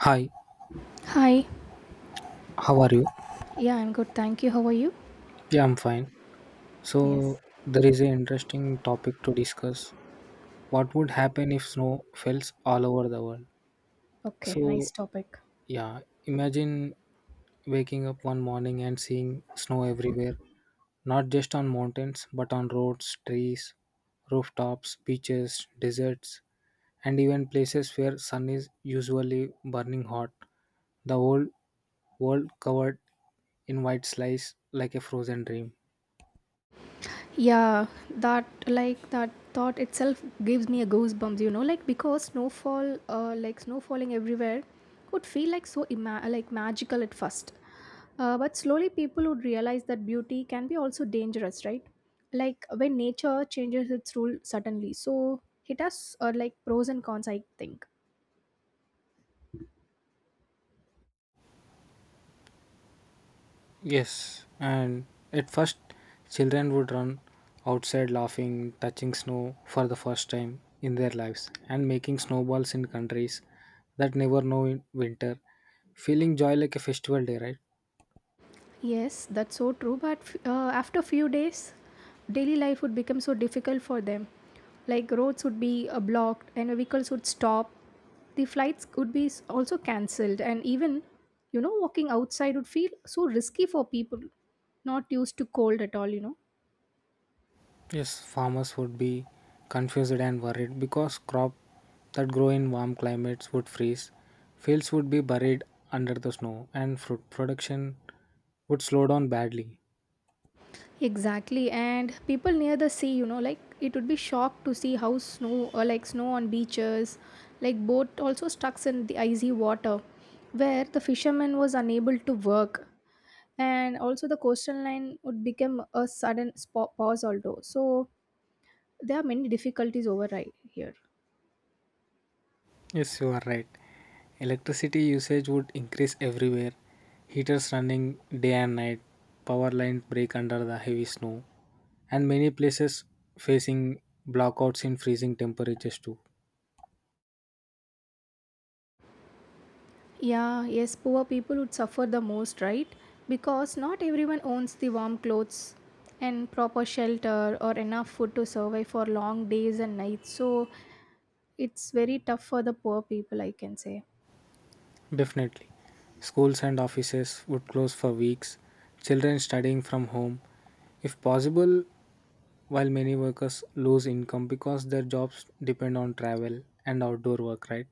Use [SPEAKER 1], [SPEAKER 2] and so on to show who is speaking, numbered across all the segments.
[SPEAKER 1] Hi,
[SPEAKER 2] Hi.
[SPEAKER 1] how are you?
[SPEAKER 2] Yeah, I'm good. Thank you. How are you?
[SPEAKER 1] Yeah, I'm fine.
[SPEAKER 2] Yes.
[SPEAKER 1] So, there is an interesting topic to discuss. What would happen if snow fells all over the world?
[SPEAKER 2] Okay. Nice
[SPEAKER 1] So,
[SPEAKER 2] topic.
[SPEAKER 1] yeah, imagine waking up one morning and seeing snow everywhere, not just on mountains, but on roads, trees, rooftops, beaches, deserts, and even places where sun is usually burning hot. The whole world covered in white slice like a frozen dream.
[SPEAKER 2] Yeah, that like that thought itself gives me a goosebumps, like because snowfall like snow falling everywhere would feel like so like magical at first. But slowly people would realize that beauty can be also dangerous, right? Like when nature changes its rule suddenly. So it has like pros and cons, I think.
[SPEAKER 1] Yes, and at first, children would run outside laughing, touching snow for the first time in their lives, and making snowballs in countries that never know in winter, feeling joy like a festival day, right?
[SPEAKER 2] Yes, that's so true. But after few days, daily life would become so difficult for them. Like roads would be blocked and vehicles would stop. The flights could be also cancelled, and even walking outside would feel so risky for people not used to cold at all.
[SPEAKER 1] Yes, farmers would be confused and worried because crop that grow in warm climates would freeze, fields would be buried under the snow, and fruit production would slow down badly.
[SPEAKER 2] Exactly, and people near the sea, like it would be shocked to see how snow or like snow on beaches, like boat also stuck in the icy water, where the fisherman was unable to work, and also the coastal line would become a sudden pause also. So there are many difficulties over right here.
[SPEAKER 1] Yes, you are right. Electricity usage would increase everywhere. Heaters running day and night, power lines break under the heavy snow, and many places facing blackouts in freezing temperatures too.
[SPEAKER 2] Yeah, yes, poor people would suffer the most, right? Because not everyone owns the warm clothes and proper shelter or enough food to survive for long days and nights. So it's very tough for the poor people, I can say.
[SPEAKER 1] Definitely. Schools and offices would close for weeks, children studying from home. If possible, while many workers lose income because their jobs depend on travel and outdoor work, right?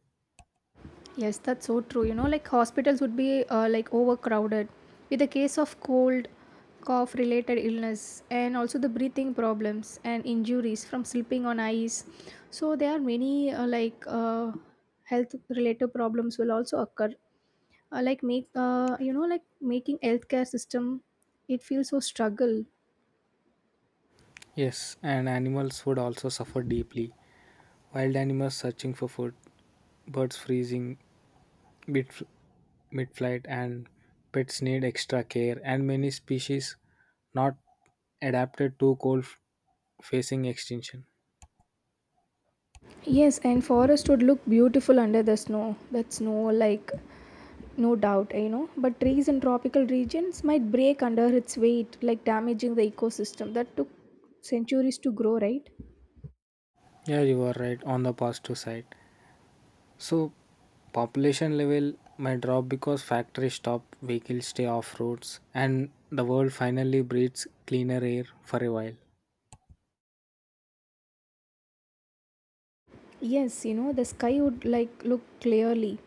[SPEAKER 2] Yes, that's so true. Like hospitals would be like overcrowded with a case of cold, cough related illness, and also the breathing problems and injuries from slipping on ice. So, there are many health related problems will also occur. Like, like making healthcare system, it feels so struggle.
[SPEAKER 1] Yes, and animals would also suffer deeply. Wild animals searching for food, birds freezing mid- mid-flight, and pets need extra care, and many species not adapted to cold facing extinction.
[SPEAKER 2] Yes, and forest would look beautiful under the snow. That snow, like, no doubt, but trees in tropical regions might break under its weight, like damaging the ecosystem that took centuries to grow, right?
[SPEAKER 1] Yeah, you are right on the positive side. So, population level might drop because factories stop, vehicles stay off roads, and the world finally breathes cleaner air for a while.
[SPEAKER 2] Yes, the sky would like look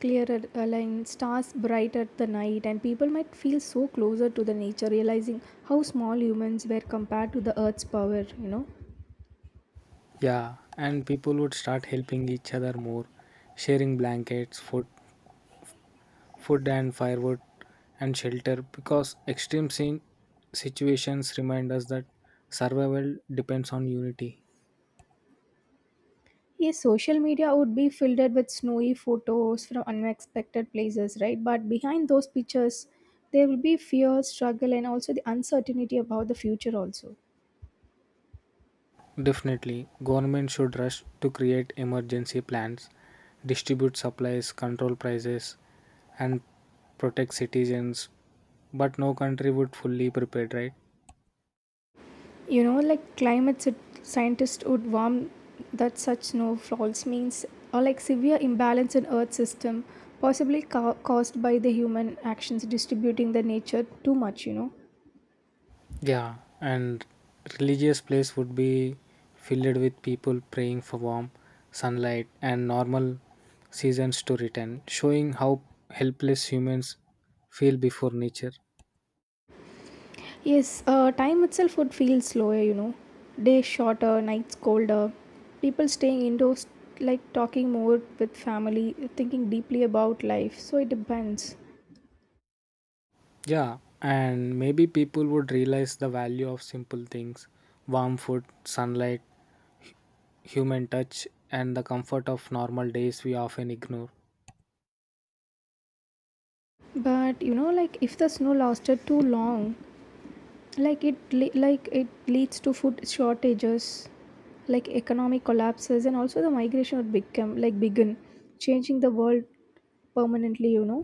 [SPEAKER 2] clearer, like stars bright at the night, and people might feel so closer to the nature, realizing how small humans were compared to the earth's power,
[SPEAKER 1] Yeah, and people would start helping each other more, sharing blankets, food and firewood and shelter because extreme situations remind us that survival depends on unity.
[SPEAKER 2] Yes, social media would be filled with snowy photos from unexpected places, right? But behind those pictures, there will be fear, struggle, and also the uncertainty about the future, also.
[SPEAKER 1] Definitely, government should rush to create emergency plans, distribute supplies, control prices, and protect citizens. But no country would fully prepared, right?
[SPEAKER 2] Like climate scientists would warn that such snowfalls means, or like severe imbalance in Earth system, possibly caused by the human actions distributing the nature too much,
[SPEAKER 1] Yeah, and religious place would be filled with people praying for warmth, sunlight, and normal seasons to return, showing how helpless humans feel before nature.
[SPEAKER 2] Yes, time itself would feel slower, Days shorter, nights colder. People staying indoors, like talking more with family, thinking deeply about life. So it depends.
[SPEAKER 1] Yeah, and maybe people would realize the value of simple things warm food, sunlight, human touch, and the comfort of normal days we often ignore.
[SPEAKER 2] But like if the snow lasted too long, like like it leads to food shortages, like economic collapses, and also the migration would become like begin, changing the world permanently.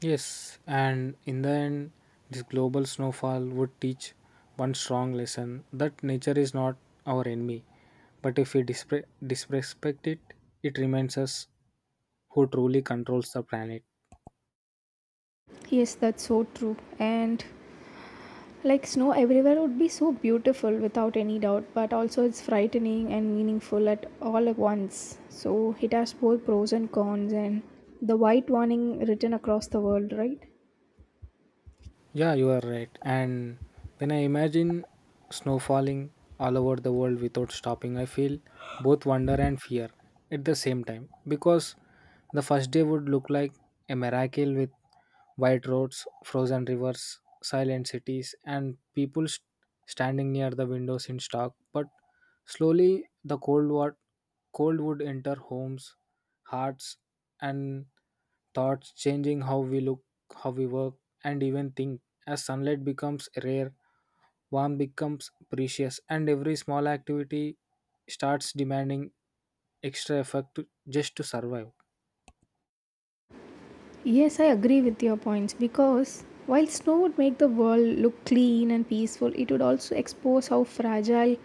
[SPEAKER 1] Yes, and in the end, this global snowfall would teach one strong lesson that nature is not our enemy, but if we disrespect it, it remains us who truly controls the planet.
[SPEAKER 2] Yes, that's so true. And like snow everywhere would be so beautiful without any doubt, but also it's frightening and meaningful at all at once. So it has both pros and cons, and the white warning written across the world, right?
[SPEAKER 1] Yeah, you are right. And when I imagine snow falling all over the world without stopping, I feel both wonder and fear at the same time because the first day would look like a miracle with white roads, frozen rivers, silent cities, and people standing near the windows in shock. But slowly, the cold would enter homes, hearts, and thoughts, changing how we look, how we work, and even think as sunlight becomes rare, warmth becomes precious, and every small activity starts demanding extra effort to, just to survive.
[SPEAKER 2] Yes, I agree with your points because while snow would make the world look clean and peaceful, it would also expose how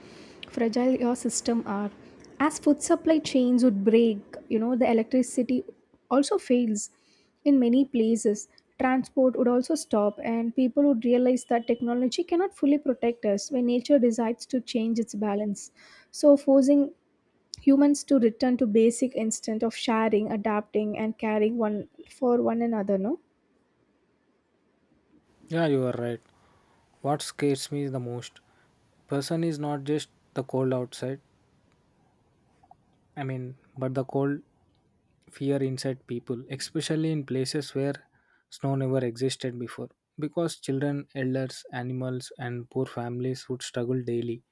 [SPEAKER 2] fragile your system are. As food supply chains would break, the electricity also fails in many places. Transport would also stop and people would realize that technology cannot fully protect us when nature decides to change its balance. So forcing humans to return to basic instinct of sharing adapting and caring one for one another, no?
[SPEAKER 1] Yeah, you are right. What scares me the most person is not just the cold outside, I mean, but the cold fear inside people, especially in places where snow never existed before. Because children, elders, animals, and poor families would struggle daily,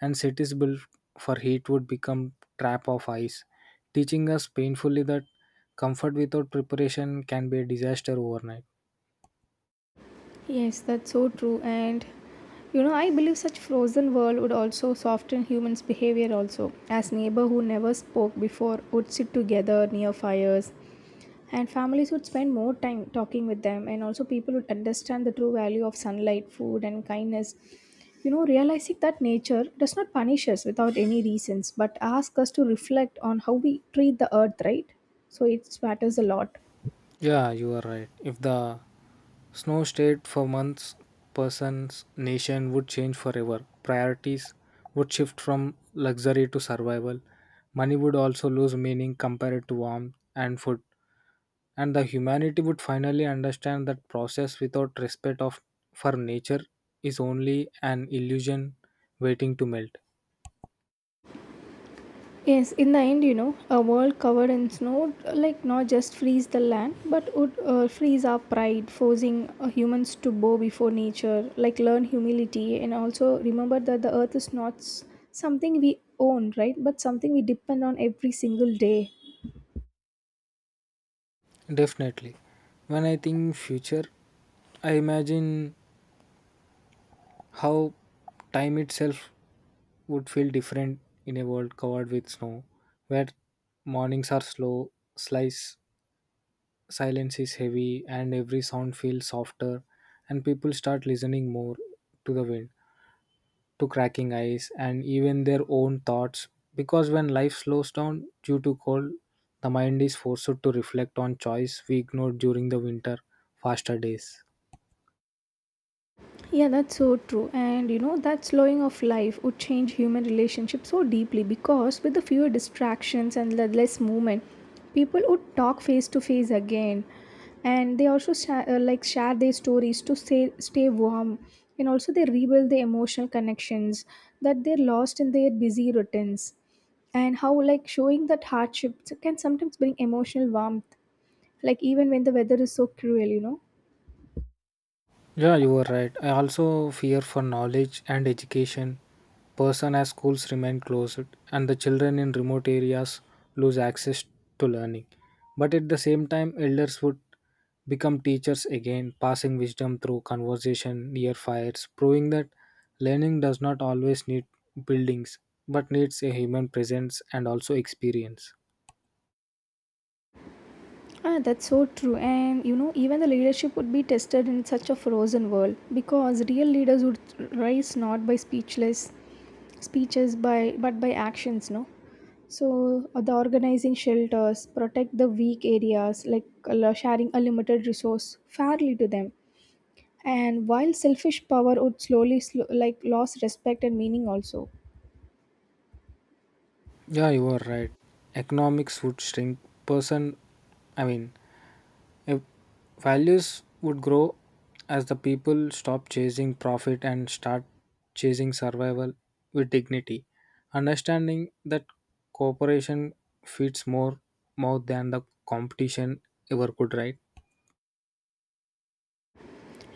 [SPEAKER 1] and cities built for heat would become trap of ice, teaching us painfully that comfort without preparation can be a disaster overnight.
[SPEAKER 2] Yes, that's so true. And I believe such frozen world would also soften humans' behavior also, as neighbor who never spoke before would sit together near fires, and families would spend more time talking with them, and also people would understand the true value of sunlight, food, and kindness. Realizing that nature does not punish us without any reasons, but ask us to reflect on how we treat the earth, right? So it matters a lot.
[SPEAKER 1] Yeah, you are right. If the snow stayed for months, person's nation would change forever. Priorities would shift from luxury to survival. Money would also lose meaning compared to warmth and food. And the humanity would finally understand that process without respect of for nature is only an illusion waiting to melt.
[SPEAKER 2] Yes, in the end, a world covered in snow, like not just freeze the land, but would freeze our pride, forcing humans to bow before nature, like learn humility, and also remember that the earth is not something we own, right? But something we depend on every single day.
[SPEAKER 1] Definitely. When I think future, I imagine how time itself would feel different in a world covered with snow, where mornings are slow, slice silence is heavy, and every sound feels softer, and people start listening more to the wind, to cracking ice, and even their own thoughts. Because when life slows down due to cold, the mind is forced to reflect on choice we ignored during the winter faster days.
[SPEAKER 2] Yeah, that's so true. And that slowing of life would change human relationships so deeply because with the fewer distractions and the less movement, people would talk face to face again. And they also like share their stories to stay warm. And also, they rebuild the emotional connections that they lost in their busy routines. And how, like, showing that hardships can sometimes bring emotional warmth, like, even when the weather is so cruel,
[SPEAKER 1] Yeah, you are right. I also fear for knowledge and education. Person as schools remain closed and the children in remote areas lose access to learning. But at the same time, elders would become teachers again, passing wisdom through conversation near fires, proving that learning does not always need buildings but needs a human presence and also experience.
[SPEAKER 2] Ah, that's so true. And even the leadership would be tested in such a frozen world because real leaders would rise not by speechless speeches by but by actions, no? So the organizing shelters, protect the weak areas, like sharing a limited resource fairly to them. And while selfish power would slowly like lose respect and meaning also.
[SPEAKER 1] Yeah, you are right. Economics would shrink. Person, I mean, if values would grow as the people stop chasing profit and start chasing survival with dignity, understanding that cooperation feeds more mouth than the competition ever could, right?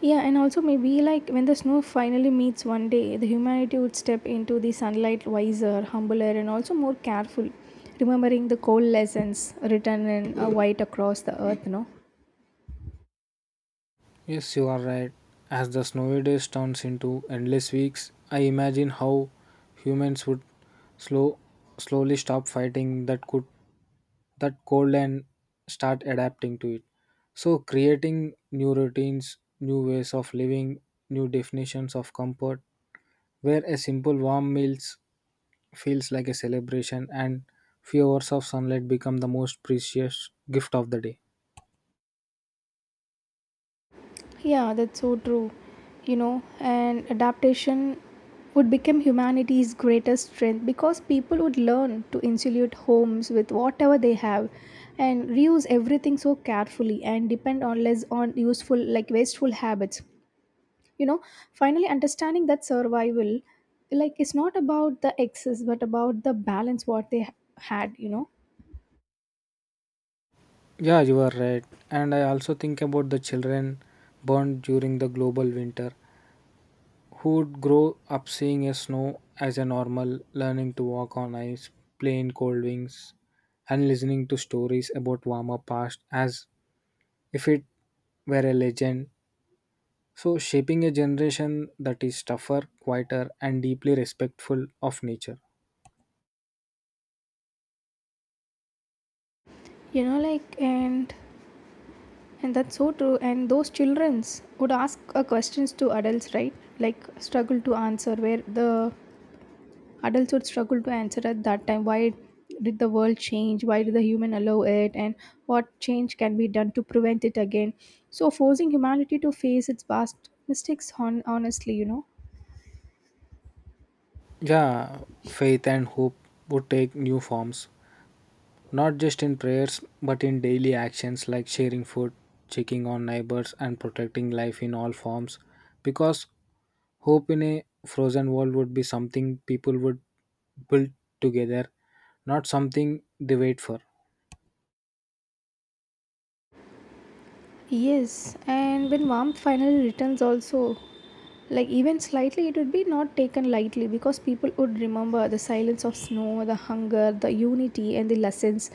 [SPEAKER 2] Yeah, and also maybe like when the snow finally meets one day, the humanity would step into the sunlight wiser, humbler, and also more careful, remembering the cold lessons written in a white across the earth, no?
[SPEAKER 1] Yes, you are right. As the snowy days turns into endless weeks, I imagine how humans would slow, slowly stop fighting that could that cold and start adapting to it, so creating new routines, new ways of living, new definitions of comfort where a simple warm meals feels like a celebration and few hours of sunlight become the most precious gift of the day.
[SPEAKER 2] Yeah, that's so true. You know, and adaptation would become humanity's greatest strength because people would learn to insulate homes with whatever they have and reuse everything so carefully and depend on less on useful like wasteful habits, you know, finally understanding that survival like it's not about the excess but about the balance what they had.
[SPEAKER 1] Yeah, you are right. And I also think about the children born during the global winter who would grow up seeing a snow as a normal, learning to walk on ice, playing cold wings, and listening to stories about warmer past as if it were a legend. So, shaping a generation that is tougher, quieter, and deeply respectful of nature.
[SPEAKER 2] Like, and that's so true and those childrens would ask questions to adults, right? Like struggle to answer where the adults would struggle to answer at that time. Why did the world change? Why did the human allow it? And what change can be done to prevent it again? So forcing humanity to face its past mistakes honestly.
[SPEAKER 1] Yeah, faith and hope would take new forms not just in prayers but in daily actions like sharing food, checking on neighbors, and protecting life in all forms. Because hope in a frozen world would be something people would build together, not something they wait for.
[SPEAKER 2] Yes, and when warmth finally returns, also, like even slightly, it would be not taken lightly because people would remember the silence of snow, the hunger, the unity, and the lessons,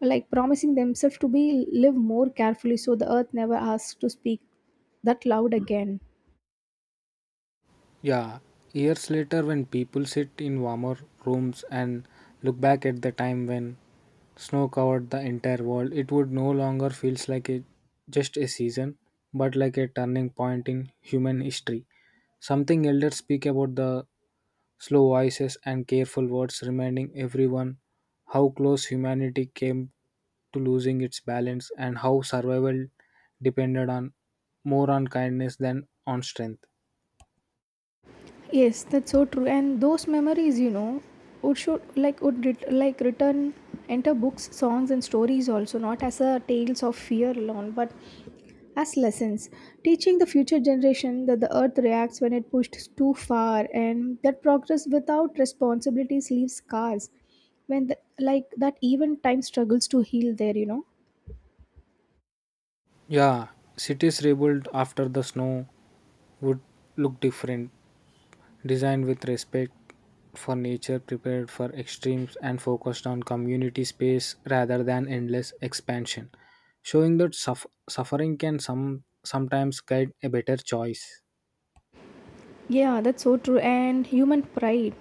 [SPEAKER 2] like promising themselves to be live more carefully so the earth never asks to speak that loud again.
[SPEAKER 1] Yeah, years later, when people sit in warmer rooms and look back at the time when snow covered the entire world, it would no longer feels like a just a season, but like a turning point in human history. Something elders speak about the slow voices and careful words, reminding everyone how close humanity came to losing its balance and how survival depended on more on kindness than on strength.
[SPEAKER 2] Yes, that's so true. And those memories, would should like would ret- like return enter books, songs, and stories also, not as a tales of fear alone, but as lessons, teaching the future generation that the earth reacts when it pushed too far, and that progress without responsibilities leaves scars. When the, like that, even time struggles to heal there,
[SPEAKER 1] Yeah, cities rebuilt after the snow would look different, designed with respect for nature, prepared for extremes, and focused on community space rather than endless expansion, showing that suffering can sometimes guide a better choice.
[SPEAKER 2] Yeah, that's so true. And human pride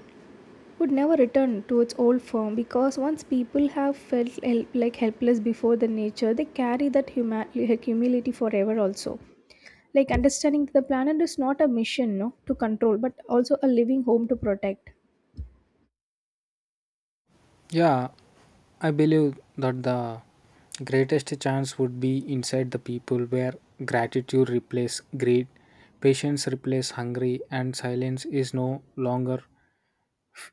[SPEAKER 2] would never return to its old form because once people have felt help, like helpless before the nature, they carry that like humility forever also. Like understanding that the planet is not a mission, no, to control, but also a living home to protect.
[SPEAKER 1] Yeah, I believe that the greatest chance would be inside the people where gratitude replaces greed, patience replaces hungry, and silence is no longer,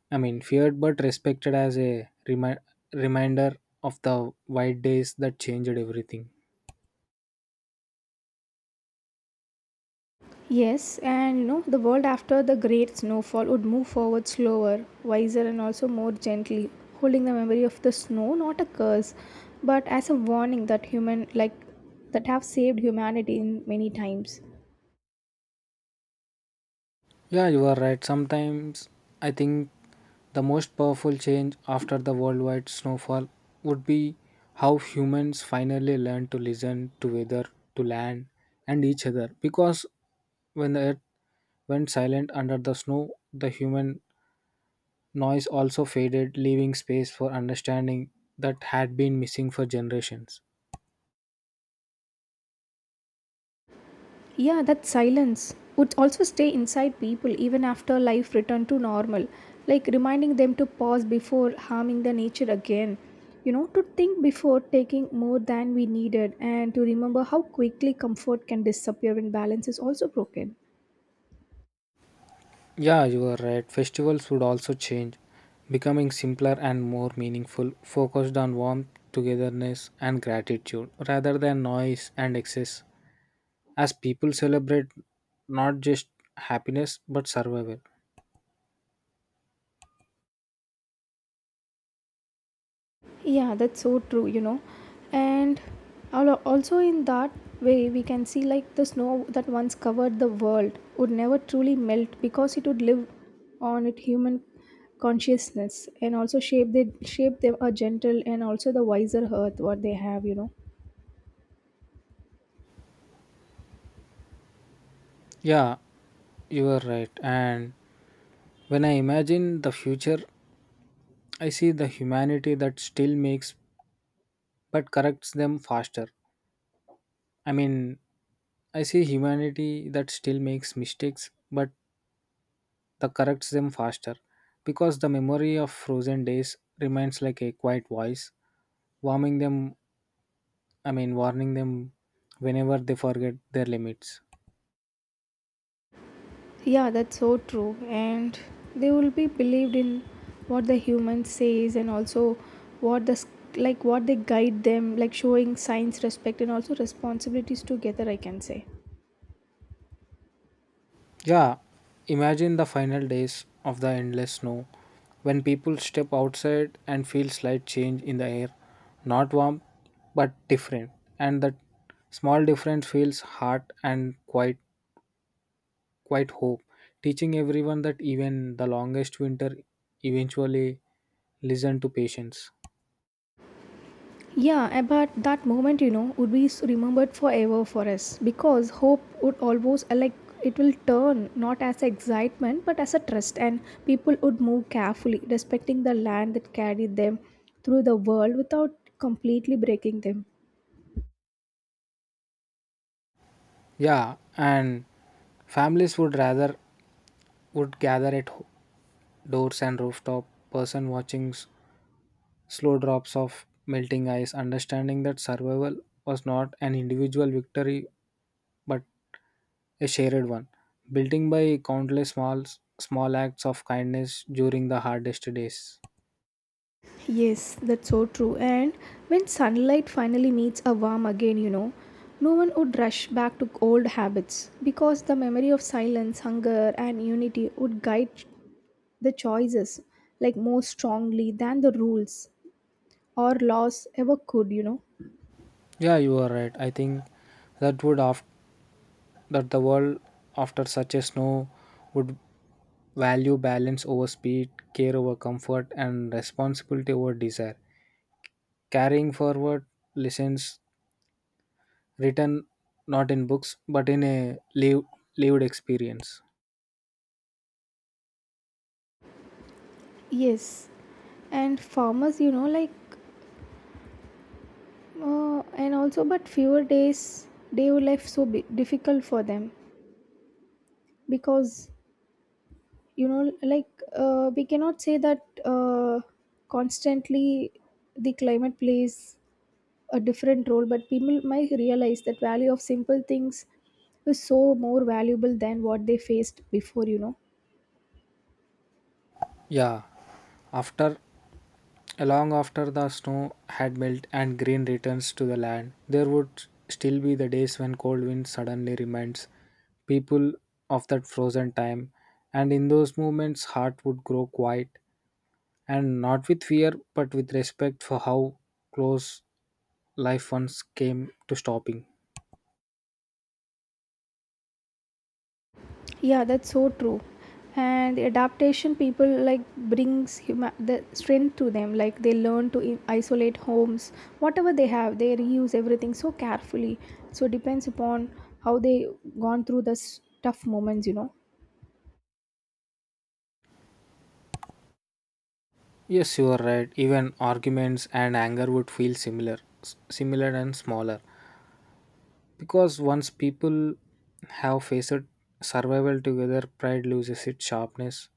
[SPEAKER 1] I mean, feared but respected as a reminder of the white days that changed everything.
[SPEAKER 2] Yes, and the world after the great snowfall would move forward slower, wiser, and also more gently, holding the memory of the snow not a curse, but as a warning that human like that have saved humanity in many times.
[SPEAKER 1] Yeah, you are right. Sometimes I think the most powerful change after the worldwide snowfall would be how humans finally learned to listen to weather, to land, and each other. Because when the earth went silent under the snow, the human noise also faded, leaving space for understanding that had been missing for generations.
[SPEAKER 2] Yeah, that silence would also stay inside people even after life returned to normal, like reminding them to pause before harming the nature again. To think before taking more than we needed and to remember how quickly comfort can disappear when balance is also broken.
[SPEAKER 1] Yeah, you are right. Festivals would also change, becoming simpler and more meaningful, focused on warmth, togetherness, and gratitude rather than noise and excess, as people celebrate not just happiness but survival.
[SPEAKER 2] Yeah, that's so true, And also, in that way, we can see like the snow that once covered the world would never truly melt because it would live on it human consciousness and also shape they shape them a gentle and also the wiser earth what they have,
[SPEAKER 1] Yeah, you are right. And when I imagine the future, I see the humanity that still makes but corrects them faster. I mean, I see humanity that still makes mistakes but that corrects them faster because the memory of frozen days remains like a quiet voice warming them I mean warning them whenever they forget their limits.
[SPEAKER 2] Yeah, that's so true. And they will be believed in what the human says and also what like what they guide them, like showing signs respect and also responsibilities together, I can say.
[SPEAKER 1] Yeah, imagine the final days of the endless snow when people step outside and feel slight change in the air, not warm but different, and that small difference feels hard and quiet quite hope, teaching everyone that even the longest winter eventually listen to patience.
[SPEAKER 2] Yeah, eh, but that moment, would be remembered forever for us because hope would always like it will turn not as excitement but as a trust, and people would move carefully, respecting the land that carried them through the world without completely breaking them.
[SPEAKER 1] Yeah, and families would rather would gather at doors and rooftop, person watching slow drops of melting ice, understanding that survival was not an individual victory but a shared one, building by countless small acts of kindness during the hardest days.
[SPEAKER 2] Yes, that's so true. And when sunlight finally meets a warm again, no one would rush back to old habits because the memory of silence, hunger, and unity would guide the choices like more strongly than the rules or laws ever could.
[SPEAKER 1] Yeah, you are right. I think that would after that the world after such a snow would value balance over speed, care over comfort, and responsibility over desire. Carrying forward lessons written not in books but in a lived experience.
[SPEAKER 2] Yes, and farmers, and also but fewer days day life so difficult for them because you know like we cannot say that constantly the climate plays a different role, but people might realize that value of simple things is so more valuable than what they faced before.
[SPEAKER 1] Yeah, after long after the snow had melted and green returns to the land, there would still be the days when cold wind suddenly reminds people of that frozen time, and in those moments, heart would grow quiet and not with fear but with respect for how close life once came to stopping.
[SPEAKER 2] Yeah, that's so true. And the adaptation people like brings the strength to them. Like they learn to isolate homes, whatever they have, they reuse everything so carefully. So it depends upon how they gone through this tough moments, you know.
[SPEAKER 1] Yes, you are right. Even arguments and anger would feel similar and smaller. Because once people have faced survival together, pride loses its sharpness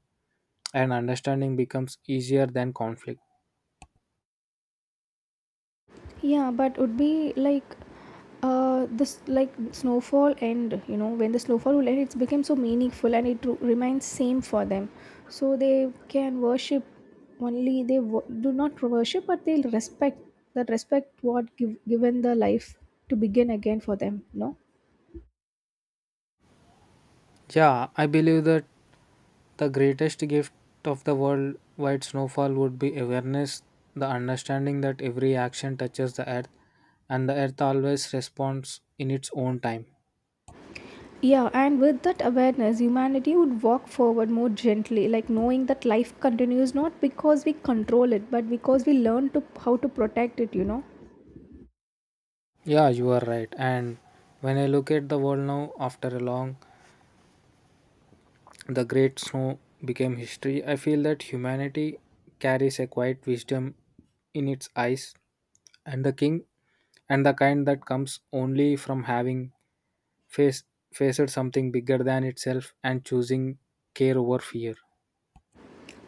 [SPEAKER 1] and understanding becomes easier than conflict.
[SPEAKER 2] Yeah, but would be like this like snowfall end, you know, when the snowfall will end it's become so meaningful and it remains same for them, so they can worship, only they do not worship, but they'll respect that respect what give, given the life to begin again for them, no?
[SPEAKER 1] Yeah, I believe that the greatest gift of the worldwide snowfall would be awareness, the understanding that every action touches the earth and the earth always responds in its own time.
[SPEAKER 2] Yeah, and with that awareness humanity would walk forward more gently, like knowing that life continues not because we control it but because we learn to how to protect it.
[SPEAKER 1] Yeah, you are right. And when I look at the world now after a long, the great snow became history, I feel that humanity carries a quiet wisdom in its eyes and the king and the kind that comes only from having face faced something bigger than itself and choosing care over fear.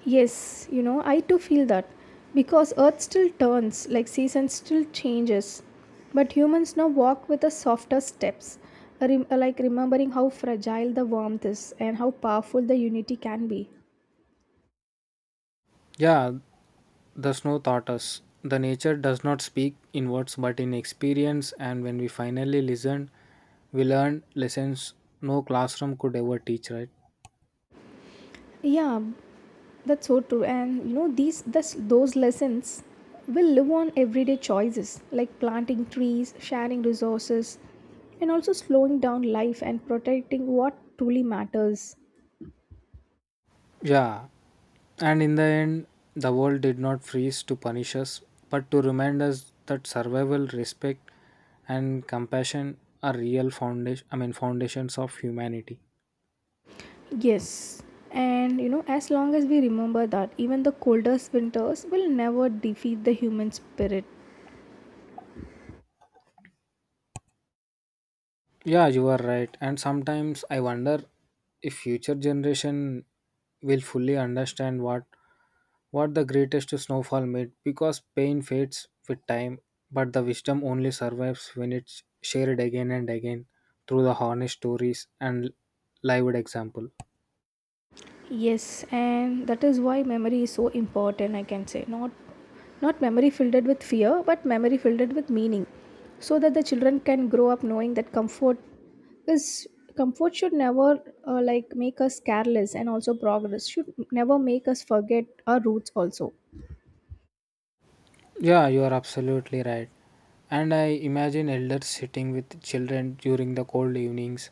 [SPEAKER 2] Yes, you know, I too feel that because earth still turns, like seasons still changes, but humans now walk with the softer steps, like remembering how fragile the warmth is and how powerful the unity can be.
[SPEAKER 1] Yeah, the snow taught us. The nature does not speak in words but in experience, and when we finally listened, we learned lessons no classroom could ever teach, right?
[SPEAKER 2] Yeah, that's so true. And you know, those lessons will live on everyday choices like planting trees, sharing resources, and also slowing down life and protecting what truly matters.
[SPEAKER 1] Yeah, and in the end, the world did not freeze to punish us but to remind us that survival, respect, and compassion are real foundation, I mean, foundations of humanity.
[SPEAKER 2] Yes. And you know, as long as we remember that, even the coldest winters will never defeat the human spirit.
[SPEAKER 1] Yeah, you are right. And sometimes I wonder if future generation will fully understand what the greatest snowfall made because pain fades with time, but the wisdom only survives when it's shared again and again through the honest stories and lived example.
[SPEAKER 2] Yes, and that is why memory is so important, I can say. Not memory filled with fear, but memory filled with meaning. So that the children can grow up knowing that is comfort should never like make us careless, and also progress should never make us forget our roots also.
[SPEAKER 1] Yeah, you are absolutely right. And I imagine elders sitting with children during the cold evenings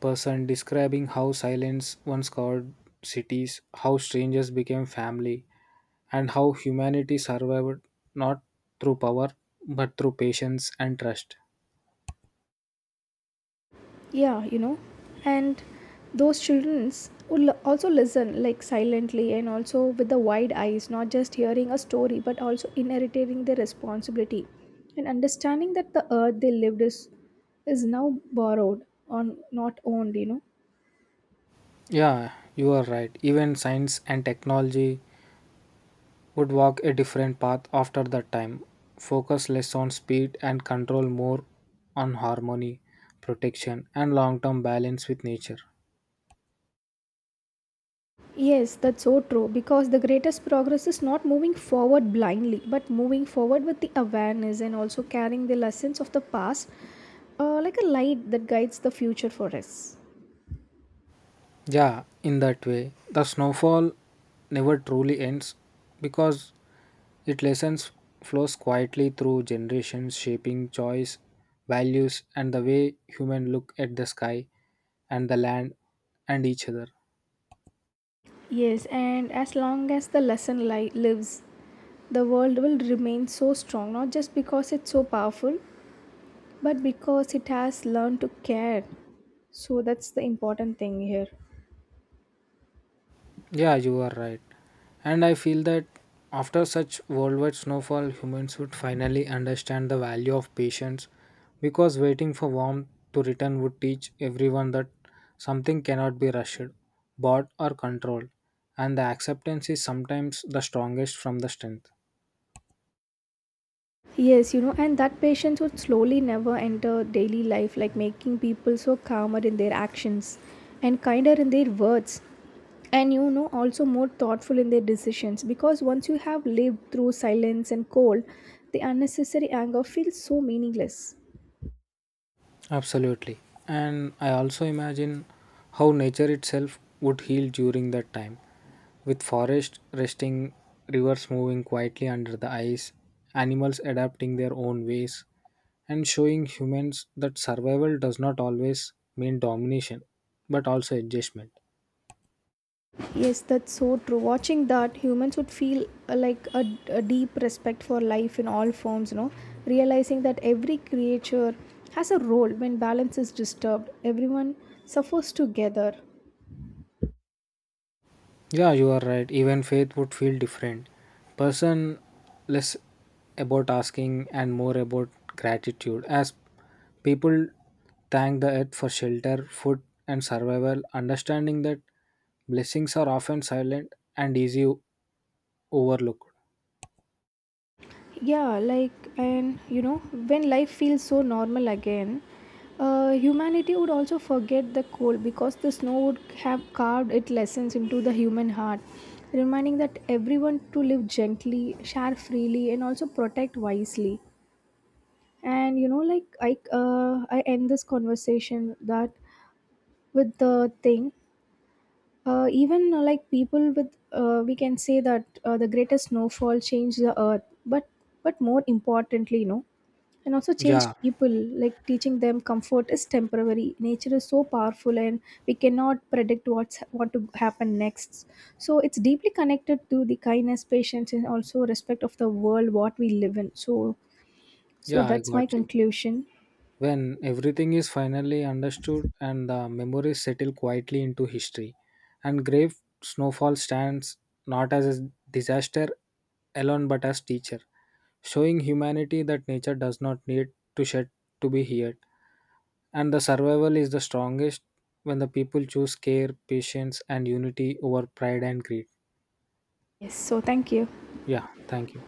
[SPEAKER 1] person describing how silence once carved cities, how strangers became family, and how humanity survived not through power but through patience and trust.
[SPEAKER 2] Yeah, you know, and those childrens would also listen like silently and also with the wide eyes, not just hearing a story but also inheriting their responsibility and understanding that the earth they lived is now borrowed on not owned, you know.
[SPEAKER 1] Yeah, you are right. Even science and technology would walk a different path after that time. Focus less on speed and control more on harmony, protection, and long term balance with nature.
[SPEAKER 2] Yes, that's so true, because the greatest progress is not moving forward blindly but moving forward with the awareness and also carrying the lessons of the past, like a light that guides the future for us.
[SPEAKER 1] Yeah, in that way, the snowfall never truly ends because it lessons flows quietly through generations, shaping choice, values, and the way humans look at the sky and the land and each other.
[SPEAKER 2] Yes, and as long as the lesson lives, the world will remain so strong, not just because it's so powerful, but because it has learned to care. So that's the important thing here.
[SPEAKER 1] Yeah, you are right. And I feel that after such worldwide snowfall, humans would finally understand the value of patience because waiting for warmth to return would teach everyone that something cannot be rushed, bought, or controlled, and the acceptance is sometimes the strongest from the strength.
[SPEAKER 2] Yes, you know, and that patience would slowly never enter daily life, like making people so calmer in their actions and kinder in their words. And you know, also more thoughtful in their decisions, because once you have lived through silence and cold, the unnecessary anger feels so meaningless.
[SPEAKER 1] Absolutely. And I also imagine how nature itself would heal during that time, with forest resting, rivers moving quietly under the ice, animals adapting their own ways, and showing humans that survival does not always mean domination, but also adjustment.
[SPEAKER 2] Yes, that's so true. Watching that, humans would feel like a deep respect for life in all forms, you know, realizing that every creature has a role. When balance is disturbed, everyone suffers together.
[SPEAKER 1] Yeah, you are right. Even faith would feel different. Person less about asking and more about gratitude as people thank the earth for shelter, food and survival, understanding that blessings are often silent and easy overlooked.
[SPEAKER 2] Yeah, like, and you know, when life feels so normal again, humanity would also forget the cold, because the snow would have carved its lessons into the human heart, reminding that everyone to live gently, share freely, and also protect wisely. And you know, I end this conversation that with the thing, even like people with we can say that the greatest snowfall changed the earth, but more importantly, you know, and also
[SPEAKER 1] Yeah,
[SPEAKER 2] changed people, like teaching them comfort is temporary, nature is so powerful, and we cannot predict what to happen next. So it's deeply connected to the kindness, patience, and also respect of the world what we live in. So
[SPEAKER 1] yeah, I
[SPEAKER 2] that's my
[SPEAKER 1] got you.
[SPEAKER 2] conclusion.
[SPEAKER 1] When everything is finally understood and the memories settle quietly into history, and grave snowfall stands not as a disaster alone but as teacher, showing humanity that nature does not need to shed to be heard, and the survival is the strongest when the people choose care, patience, and unity over pride and greed.
[SPEAKER 2] Yes, so thank you.
[SPEAKER 1] Yeah, thank you.